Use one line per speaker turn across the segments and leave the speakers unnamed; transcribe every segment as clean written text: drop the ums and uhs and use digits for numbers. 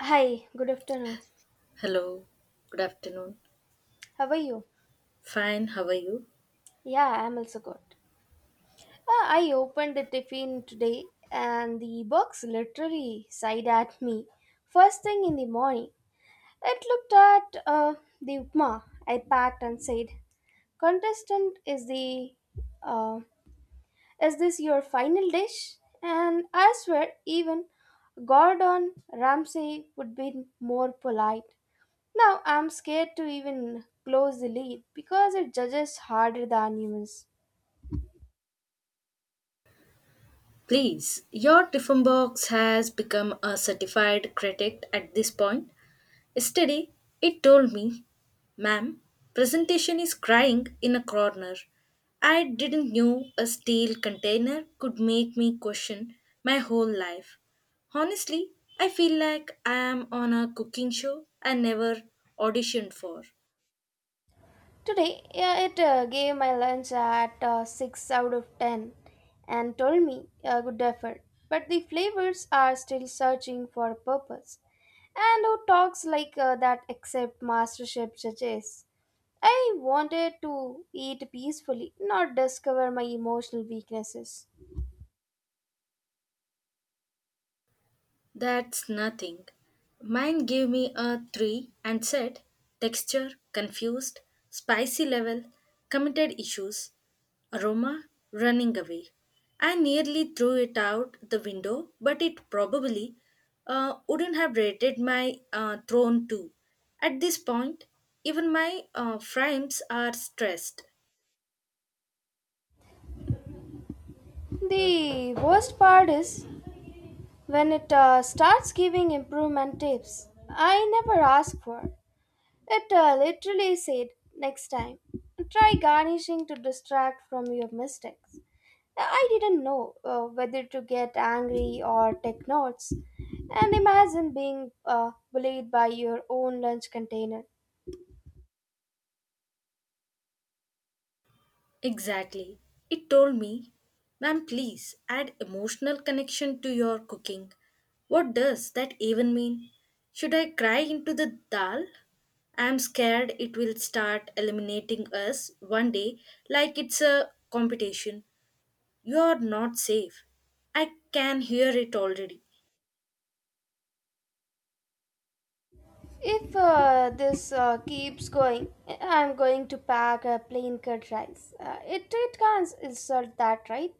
Hi, good afternoon.
Hello, good afternoon.
How are you?
Fine, how are you?
Yeah, I'm also good. I opened the tiffin today and the box literally sighed at me first thing in the morning. It looked at the upma I packed and said, Contestant, uh, is this your final dish? And I swear, even Gordon Ramsay would be more polite. Now I'm scared to even close the lid because it judges harder than humans.
Please, your Tiffin box has become a certified critic at this point. Yesterday, it told me, Ma'am, presentation is crying in a corner. I didn't know a steel container could make me question my whole life. Honestly, I feel like I am on a cooking show I never auditioned for.
Today, yeah, it gave my lunch at 6 out of 10 and told me a good effort. But the flavors are still searching for a purpose. And who talks like that except MasterChef judges? I wanted to eat peacefully, not discover my emotional weaknesses.
That's nothing. Mine gave me a 3 and said texture, confused, spicy level, committed issues, aroma, running away. I nearly threw it out the window, but it probably wouldn't have rated my throne too. At this point, even my frames are stressed.
The worst part is when it starts giving improvement tips I never asked for. It literally said, next time, try garnishing to distract from your mistakes. I didn't know whether to get angry or take notes. And imagine being bullied by your own lunch container.
Exactly. It told me, Ma'am, please add emotional connection to your cooking. What does that even mean? Should I cry into the dal? I'm scared it will start eliminating us one day like it's a competition. You're not safe. I can hear it already.
If this keeps going, I'm going to pack a plain cut rice. It can't insult that, right?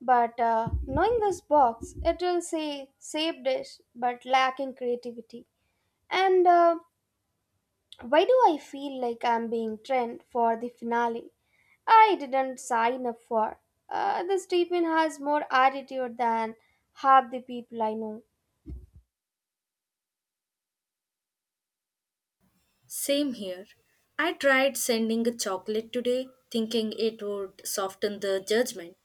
But knowing this box, it will say save dish but lacking creativity. And why do I feel like I'm being trained for the finale? I didn't sign up for. This treatment has more attitude than half the people I know.
Same here. I tried sending a chocolate today, thinking it would soften the judgment.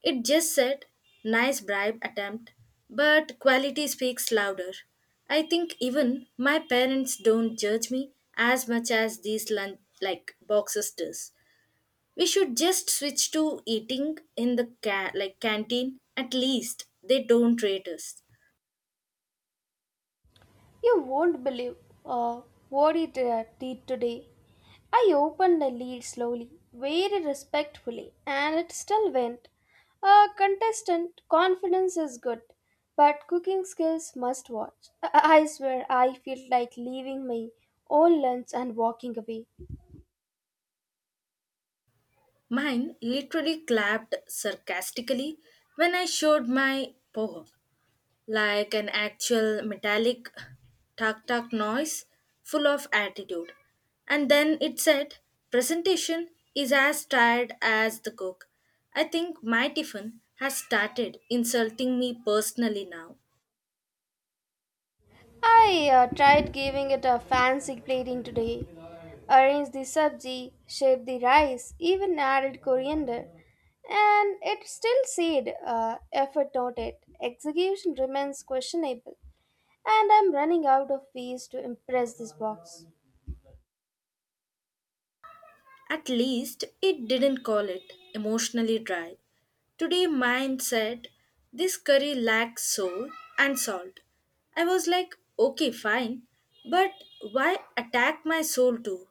It just said, nice bribe attempt, but quality speaks louder. I think even my parents don't judge me as much as these lunch like boxes does. We should just switch to eating in the like canteen. At least they don't rate us.
You won't believe uh, what it did today. I opened the lid slowly, very respectfully, and it still went. A contestant confidence is good, but cooking skills must watch. I swear I feel like leaving my own lunch and walking away.
Mine literally clapped sarcastically when I showed my poem, like an actual metallic tuk tuk noise full of attitude. And then it said, Presentation is as tired as the cook. I think my tiffin has started insulting me personally now.
I tried giving it a fancy plating today. Arranged the sabji, shaped the rice, even added coriander. And it still said, effort noted, execution remains questionable. And I'm running out of ways to impress this box.
At least it didn't call it emotionally dry. Today mine said, This curry lacks soul and salt. I was like, Okay, fine, but why attack my soul too?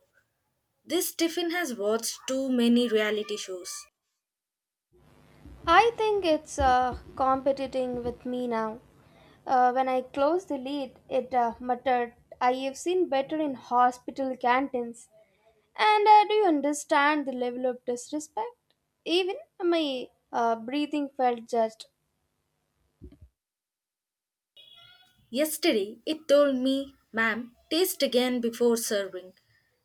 This Tiffin has watched too many reality shows.
I think it's competing with me now. When I closed the lid, it muttered, I have seen better in hospital canteens. And do you understand the level of disrespect? Even my breathing felt judged.
Yesterday, it told me, Ma'am, taste again before serving.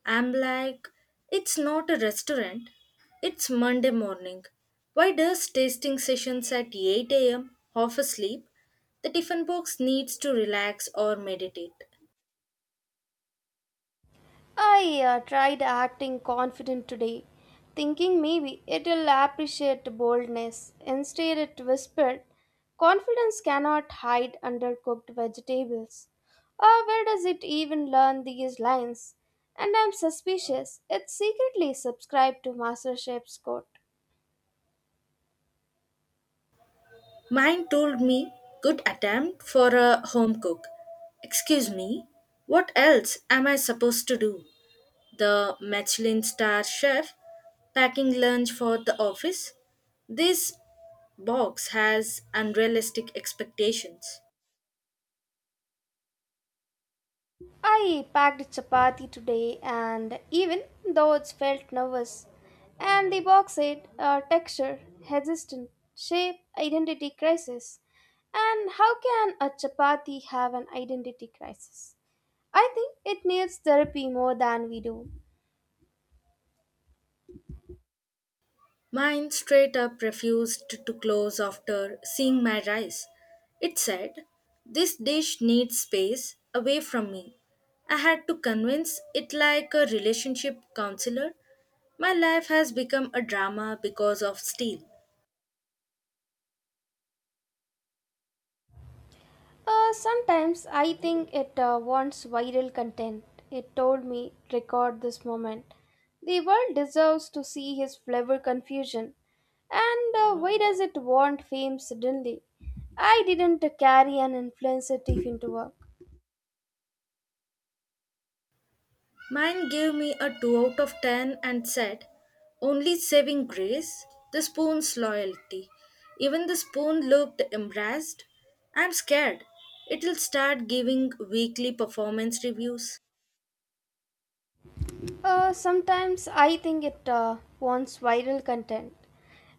I'm like, It's not a restaurant. It's Monday morning. Why does tasting sessions at 8 a.m. half asleep? The Tiffin box needs to relax or meditate.
I tried acting confident today, thinking maybe it'll appreciate boldness. Instead, it whispered, Confidence cannot hide under cooked vegetables. Ah, where does it even learn these lines? And I'm suspicious. It secretly subscribed to MasterChef's quote.
Mine told me, Good attempt for a home cook. Excuse me, what else am I supposed to do? The Michelin star chef packing lunch for the office. This box has unrealistic expectations.
I packed chapati today, and even though it felt nervous, and the box said, texture, resistance, shape, identity crisis. And how can a chapati have an identity crisis? I think it needs therapy more than we do.
Mine straight up refused to close after seeing my rice. It said, This dish needs space away from me. I had to convince it like a relationship counselor. My life has become a drama because of steel.
Sometimes I think it wants viral content. It told me, record this moment. The world deserves to see his flavor confusion. And why does it want fame suddenly? I didn't carry an influencer thief into work.
Mine gave me a 2 out of 10 and said, Only saving grace, the spoon's loyalty. Even the spoon looked embarrassed. I'm scared. It'll start giving weekly performance reviews.
Sometimes I think it wants viral content.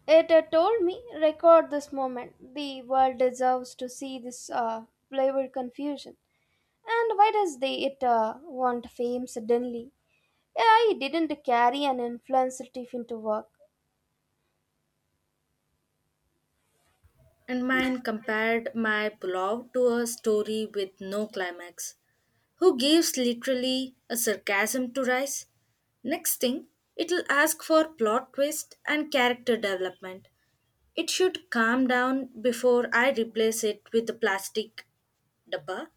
It told me, record this moment. The world deserves to see this flavor confusion. And why does they it want fame suddenly? I didn't carry an influencer thief into work.
And mine compared my pulao to a story with no climax. Who gives literally a sarcasm to rice? Next thing, it'll ask for plot twist and character development. It should calm down before I replace it with a plastic dabba.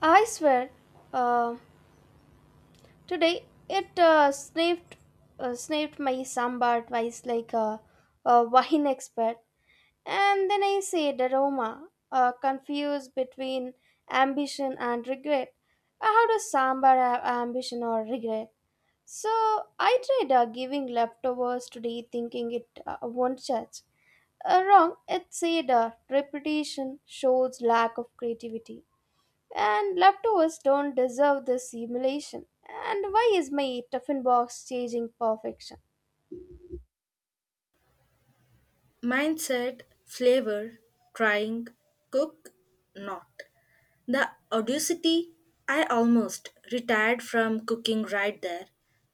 I swear, uh, Today it snapped my sambar twice like a wine expert, and then I said aroma, confused between ambition and regret. How does sambar have ambition or regret? So I tried giving leftovers today, thinking it won't judge. Wrong. It said, repetition shows lack of creativity and leftovers don't deserve this emulation. And why is my Tuffin box chasing perfection?
Mindset, flavor, trying, cook, not. The audacity, I almost retired from cooking right there.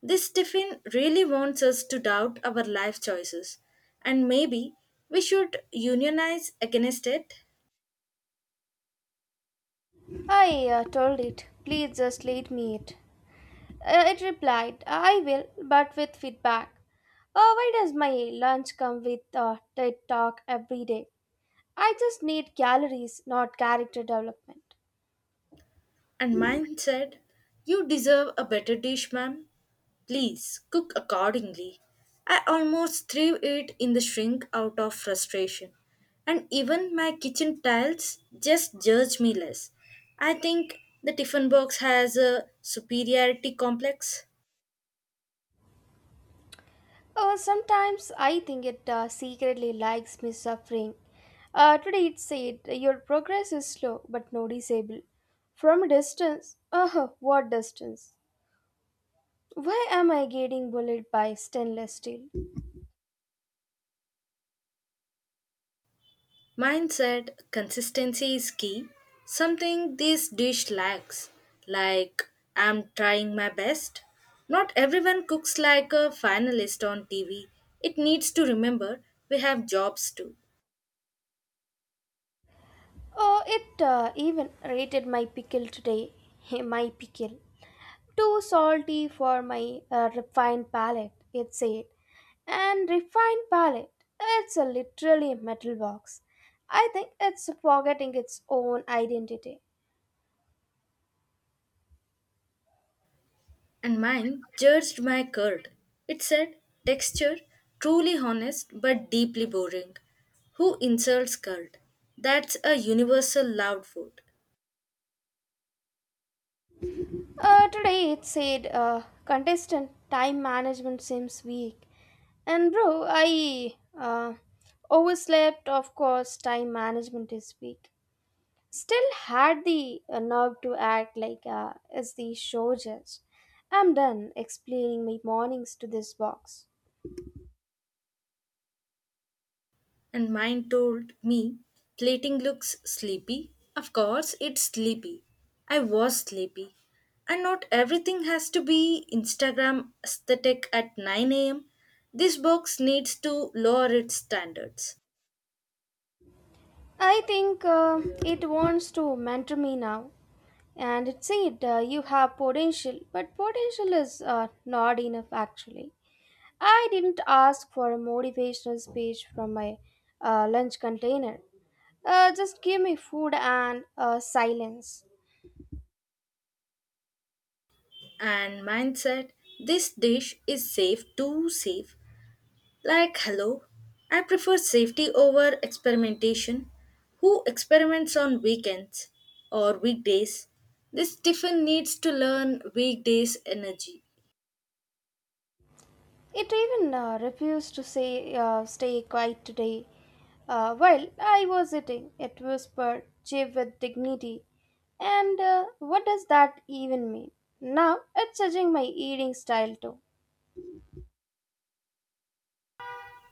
This tiffin really wants us to doubt our life choices, and maybe we should unionize against it.
I told it, please just let me eat. It replied, I will, but with feedback. Oh, why does my lunch come with TED Talk every day? I just need calories, not character development.
And mine said, You deserve a better dish, ma'am. Please cook accordingly. I almost threw it in the shrink out of frustration. And even my kitchen tiles just judge me less. I think the tiffin box has a superiority complex.
Oh, sometimes I think it secretly likes me suffering. Today it said, your progress is slow but noticeable. From a distance, oh, what distance? Why am I getting bullied by stainless steel?
Mine said consistency is key, something this dish lacks. Like, I'm trying my best. Not everyone cooks like a finalist on TV. It needs to remember we have jobs too.
Oh, it even rated my pickle today. My pickle. Too salty for my refined palate, it said. And refined palate, it's a literally a metal box. I think it's forgetting its own identity.
And mine judged my curd. It said texture, truly honest but deeply boring. Who insults curd? That's a universal loud food.
Today it said, contestant time management seems weak. And bro, I uh, overslept, of course, time management is weak. Still had the nerve to act like it's the show judge. I'm done explaining my mornings to this box.
And mine told me, plating looks sleepy. Of course, it's sleepy. I was sleepy. And not everything has to be Instagram aesthetic at 9 am. This box needs to lower its standards.
I think it wants to mentor me now. And it said, you have potential, but potential is not enough actually. I didn't ask for a motivational speech from my lunch container. Just give me food and silence.
And mine said, this dish is safe, too safe. Like, hello, I prefer safety over experimentation. Who experiments on weekends or weekdays? This Stephen needs to learn weekdays energy.
It even refused to say, stay quiet today. While I was eating, it whispered, chief with dignity. And what does that even mean? Now it's judging my eating style too.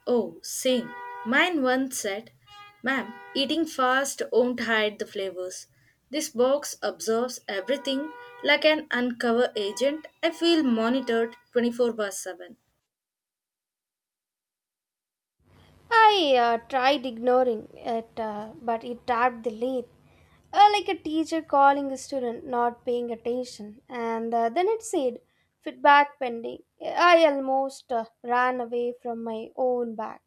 Oh, same. Mine once said, Ma'am, eating fast won't hide the flavors. This box absorbs everything like an uncover agent. I feel monitored 24 by 7.
I tried ignoring it, but it tapped the lid. Like a teacher calling a student not paying attention. And then it said, feedback pending. I almost ran away from my own bag.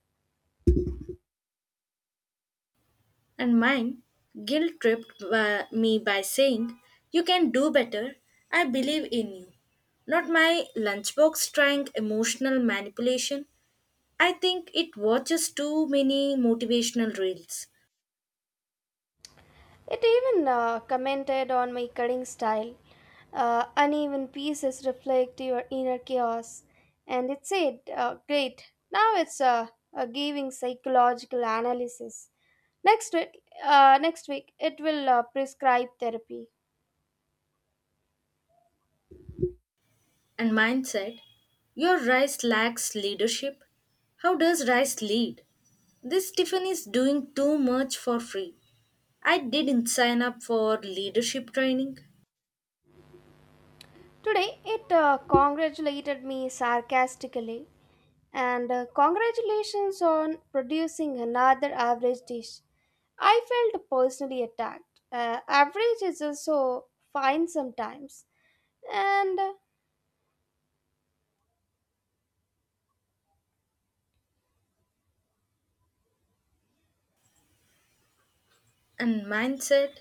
And mine guilt tripped by me by saying, You can do better. I believe in you. Not my lunchbox trying emotional manipulation. I think it watches too many motivational reels.
It even commented on my cutting style. Uneven pieces reflect your inner chaos. And it said, great, now it's giving psychological analysis. Next week it will prescribe therapy.
And mine said, Your rice lacks leadership. How does rice lead? This Tiffin is doing too much for free. I didn't sign up for leadership training.
Today it congratulated me sarcastically and congratulations on producing another average dish. I felt personally attacked. Average is also fine sometimes, and
And mine said,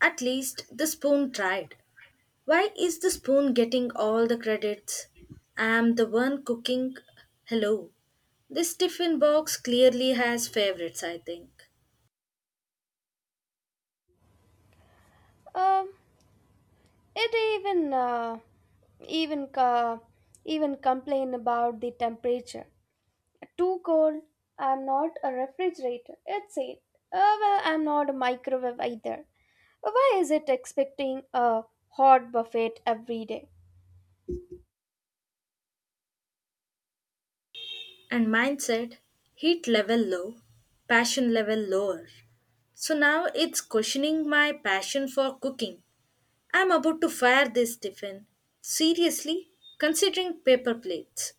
At least the spoon tried. Why is the spoon getting all the credits? I'm the one cooking. Hello. This tiffin box clearly has favorites, I think.
uh, it even uh, even uh, even complain about the temperature. Too cold. I'm not a refrigerator. It's it. Well, I'm not a microwave either. Why is it expecting a hot buffet every day?
And mine said heat level low, passion level lower. So now it's questioning my passion for cooking. I'm about to fire this tiffin. Seriously, considering paper plates.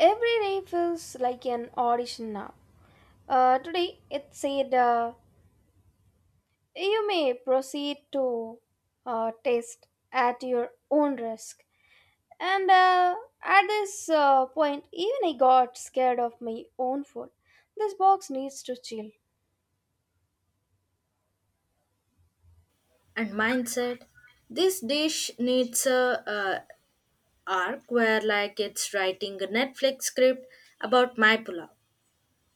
Every day feels like an audition now. Today it said, you may proceed to test at your own risk. And at this point, even I got scared of my own food. This box needs to chill.
And mine said, this dish needs a arc, where like it's writing a Netflix script about my pulao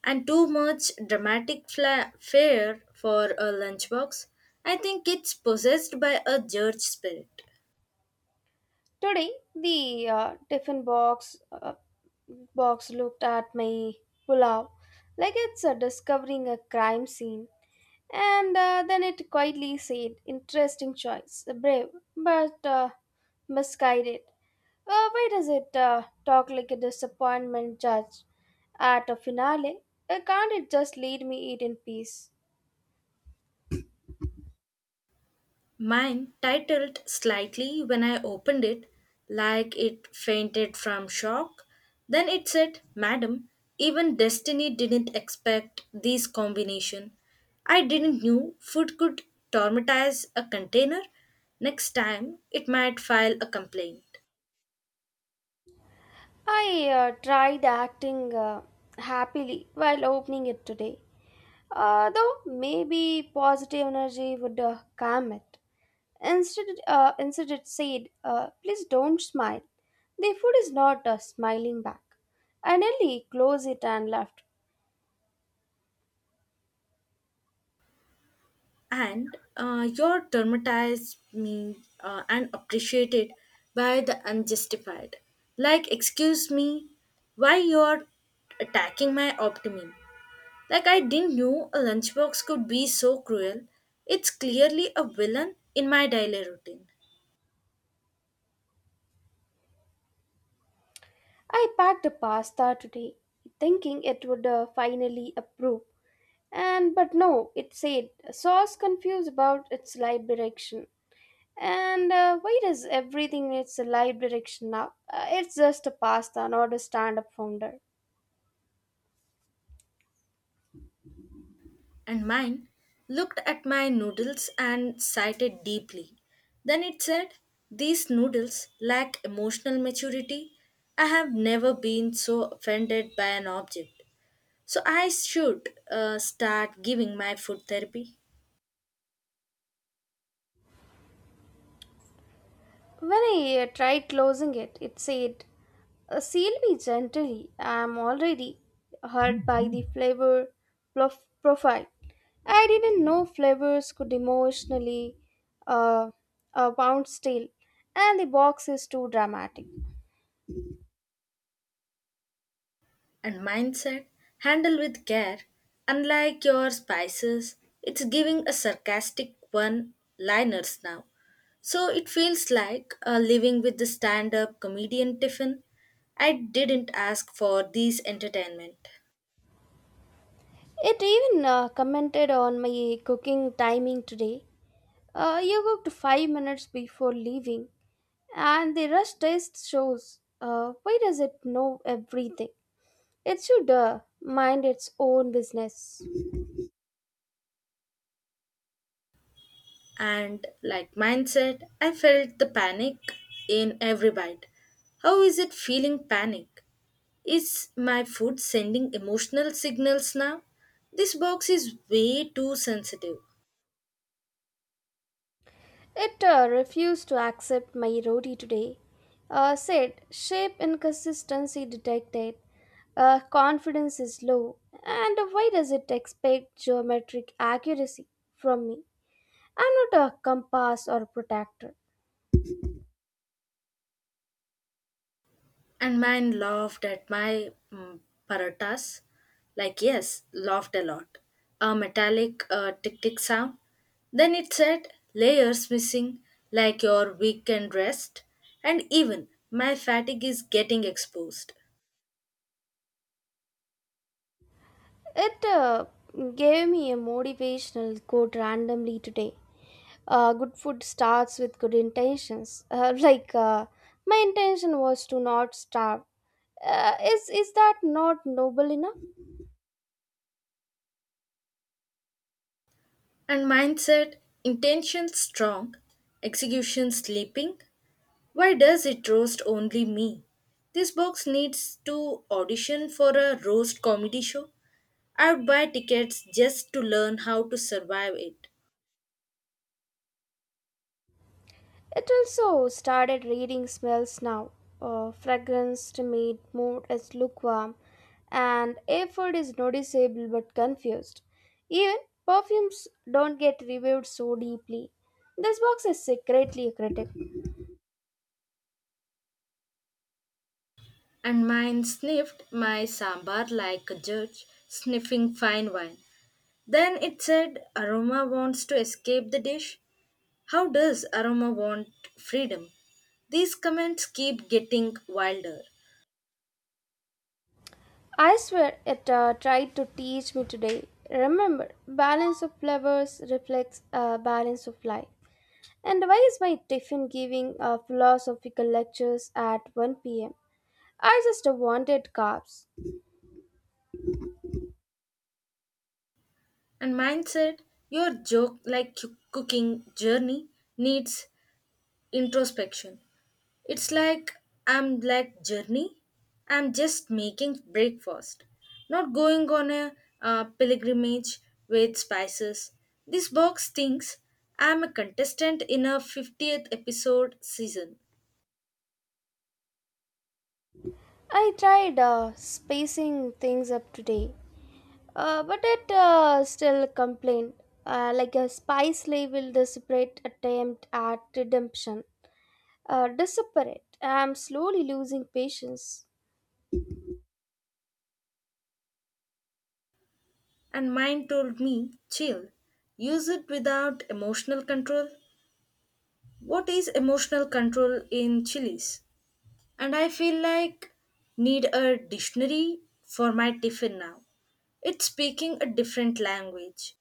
and too much dramatic fare for a lunchbox. I think it's possessed by a judge spirit.
Today, the tiffin box looked at my pulao like it's discovering a crime scene, and then it quietly said, "Interesting choice, brave, but misguided." Why does it talk like a disappointment judge at a finale? Can't it just lead me eat in peace?
Mine titled slightly when I opened it, like it fainted from shock. Then it said, Madam, even destiny didn't expect this combination. I didn't knew food could traumatize a container. Next time, it might file a complaint.
I tried acting happily while opening it today, though maybe positive energy would calm it. Instead, it said, Please don't smile. The food is not smiling back. I nearly closed it and left.
And you're traumatized me and appreciated by the unjustified. Like, excuse me, why you're attacking my optimism? Like, I didn't know a lunchbox could be so cruel. It's clearly a villain in my daily routine.
I packed a pasta today, thinking it would finally approve. And but no, it said sauce confused about its light direction. And why does everything needs a live direction now? It's just a pasta, not a stand up founder.
And mine looked at my noodles and sighed deeply. Then it said, These noodles lack emotional maturity. I have never been so offended by an object. So I should start giving my food therapy.
When I tried closing it, it said, Seal me gently. I'm already hurt by the flavor profile. I didn't know flavors could emotionally uh, bounce still, and the box is too dramatic.
And mindset handle with care. Unlike your spices, it's giving a sarcastic one liners now. So it feels like living with the stand up comedian Tiffin. I didn't ask for these entertainment.
It even commented on my cooking timing today. You cooked 5 minutes before leaving, and the rush taste shows. Why does it know everything? It should mind its own business.
And like mindset, I felt the panic in every bite. How is it feeling panic? Is my food sending emotional signals now? This box is way too sensitive.
It refused to accept my roti today. Said shape inconsistency detected. Confidence is low. And why does it expect geometric accuracy from me? I'm not a compass or protector.
And mine laughed at my paratas. Like, yes, laughed a lot. A metallic tick tick sound. Then it said, layers missing, like your weekend rest. And even, my fatigue is getting exposed.
It gave me a motivational quote randomly today. Good food starts with good intentions. Like, my intention was to not starve. Is that not noble enough?
And mine said, intention strong, execution sleeping. Why does it roast only me? This box needs to audition for a roast comedy show. I would buy tickets just to learn how to survive it.
It also started reading smells now. Fragrance, made mood is lukewarm, and effort is noticeable but confused. Even perfumes don't get reviewed so deeply. This box is secretly a critic.
And mine sniffed my sambar like a judge sniffing fine wine. Then it said, Aroma wants to escape the dish. How does Aroma want freedom? These comments keep getting wilder.
I swear it tried to teach me today. Remember, balance of flavors reflects balance of life. And why is my tiffin giving philosophical lectures at 1 p.m.? I just wanted carbs.
And mine said, Your joke like cooking journey needs introspection. It's like I'm like journey. I'm just making breakfast, not going on a pilgrimage with spices. This box thinks I'm a contestant in a 50th episode season,
I tried spacing things up today, but it still complained. Like a spy slave will desperate attempt at redemption. Desperate. I'm slowly losing patience.
and mine told me, chill, use it without emotional control. What is emotional control in chilies? And I feel like need a dictionary for my tiffin now. It's speaking a different language.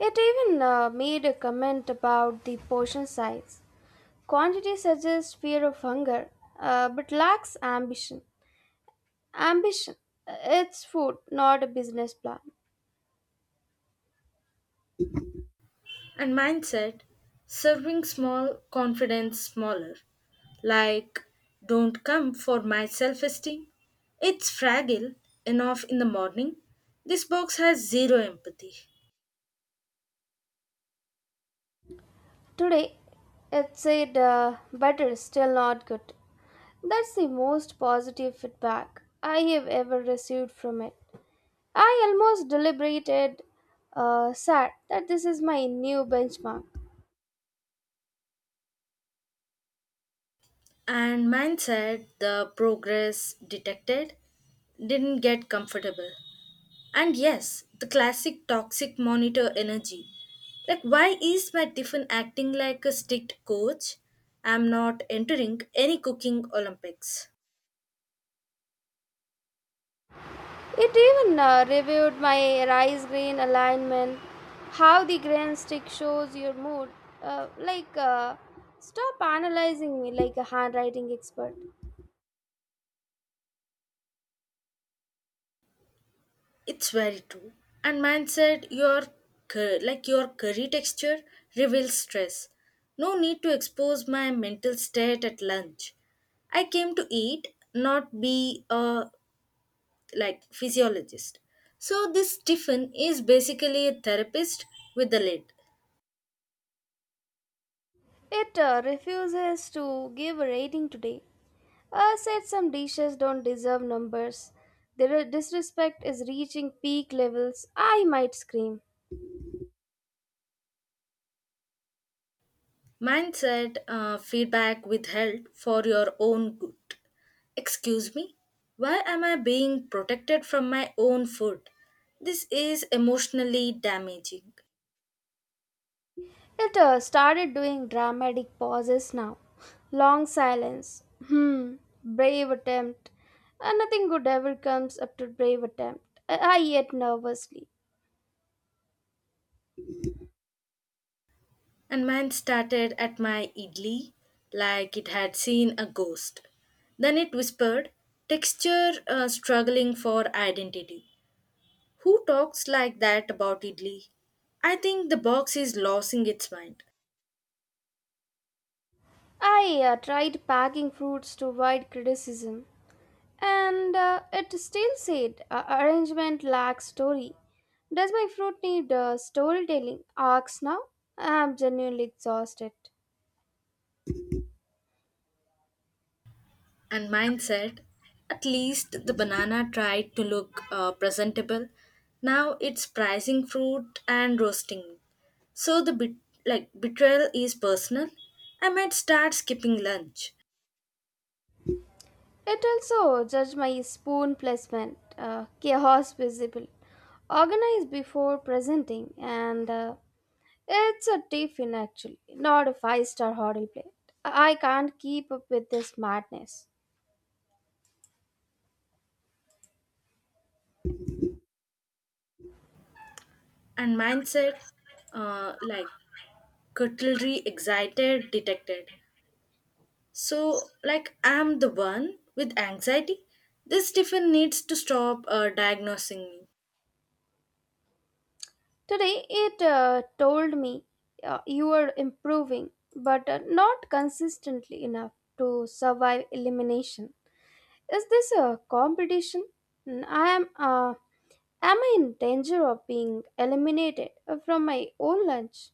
It even made a comment about the portion size. Quantity suggests fear of hunger, but lacks ambition. Ambition. It's food, not a business plan.
And mindset, serving small, confidence smaller. Like, don't come for my self esteem. It's fragile enough in the morning. This box has zero empathy.
Today, it said, better, still not good. That's the most positive feedback I have ever received from it. I almost deliberated, sad that this is my new benchmark.
And mindset, the progress detected, didn't get comfortable. And yes, the classic toxic monitor energy. Like, why is my tiffin acting like a strict coach? I'm not entering any cooking Olympics.
It even reviewed my rice grain alignment, how the grain stick shows your mood. Like, stop analyzing me like a handwriting expert.
It's very true. And man said your like your curry texture reveals stress. No need to expose my mental state at lunch. I came to eat, not be a like physiologist. So this Stephen is basically a therapist with a lid.
It refuses to give a rating today. Said some dishes don't deserve numbers. Their disrespect is reaching peak levels. I might scream.
Mindset feedback withheld for your own good. Excuse me? Why am I being protected from my own food? This is emotionally damaging.
It started doing dramatic pauses now. Long silence. Hmm. Brave attempt. Nothing good ever comes up to brave attempt. I yet nervously.
And mine started at my idli, like it had seen a ghost. Then it whispered, Texture struggling for identity. Who talks like that about idli? I think the box is losing its mind.
I tried packing fruits to avoid criticism, and it still said, arrangement lacks story. Does my fruit need storytelling arcs now? I am genuinely exhausted.
And mine said, At least the banana tried to look presentable. Now it's pricing fruit and roasting. So the bit like betrayal is personal. I might start skipping lunch.
It also judged my spoon placement, chaos visible, organized before presenting, and it's a tiffin actually, not a five-star hotel plate. I can't keep up with this madness.
And mindset like cutlery excited detected, so like I'm the one with anxiety. This tiffin needs to stop diagnosing me.
Today it told me, you are improving, but not consistently enough to survive elimination. Is this a competition? I am. Am I in danger of being eliminated from my own lunch?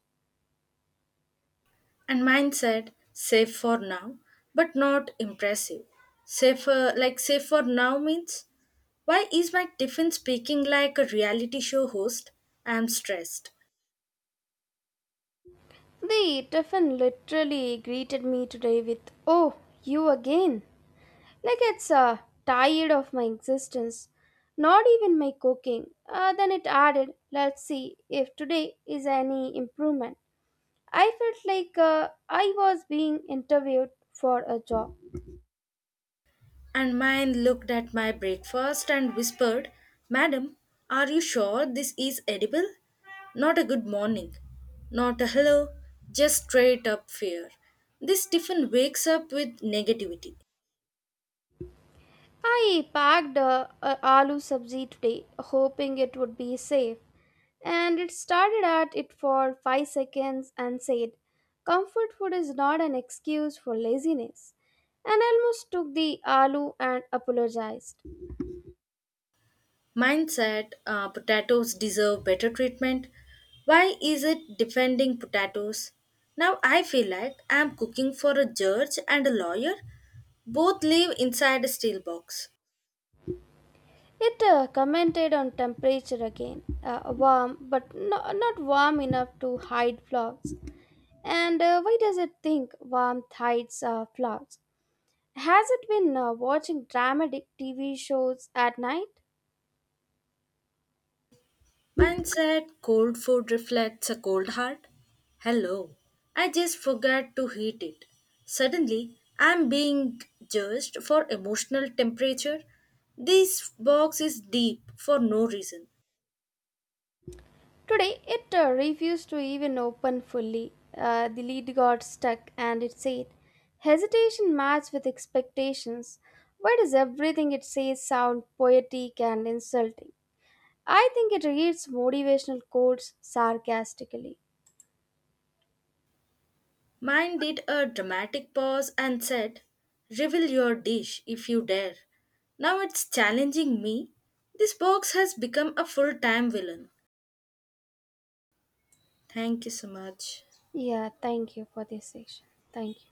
And mindset safe for now, but not impressive, safer, like safe for now means, why is my tiffin speaking like a reality show host? I'm stressed.
The Tiffin literally greeted me today with, "Oh, you again." Like it's tired of my existence, not even my cooking. Then it added, let's see if today is any improvement. I felt like I was being interviewed for a job.
And mine looked at my breakfast and whispered, Madam, are you sure this is edible? Not a good morning, not a hello, just straight up fear. This Stephen wakes up with negativity.
I packed a aloo sabzi today, hoping it would be safe. And it started at it for 5 seconds and said, Comfort food is not an excuse for laziness. And I almost took the aloo and apologized.
Mine said, Potatoes deserve better treatment. Why is it defending potatoes? Now I feel like I am cooking for a judge and a lawyer. Both live inside a steel box.
It commented on temperature again, warm but no, not warm enough to hide flaws. And why does it think warmth hides flaws? Has it been watching dramatic TV shows at night?
Mine said, cold food reflects a cold heart. Hello, I just forgot to heat it. Suddenly, I'm being judged for emotional temperature. This box is deep for no reason.
Today it refused to even open fully. The lid got stuck and it said, Hesitation matched with expectations. Why does everything it says sound poetic and insulting? I think it reads motivational quotes sarcastically.
Mine did a dramatic pause and said, Reveal your dish if you dare. Now it's challenging me. This box has become a full time villain. Thank you so much.
Yeah, thank you for this session. Thank you.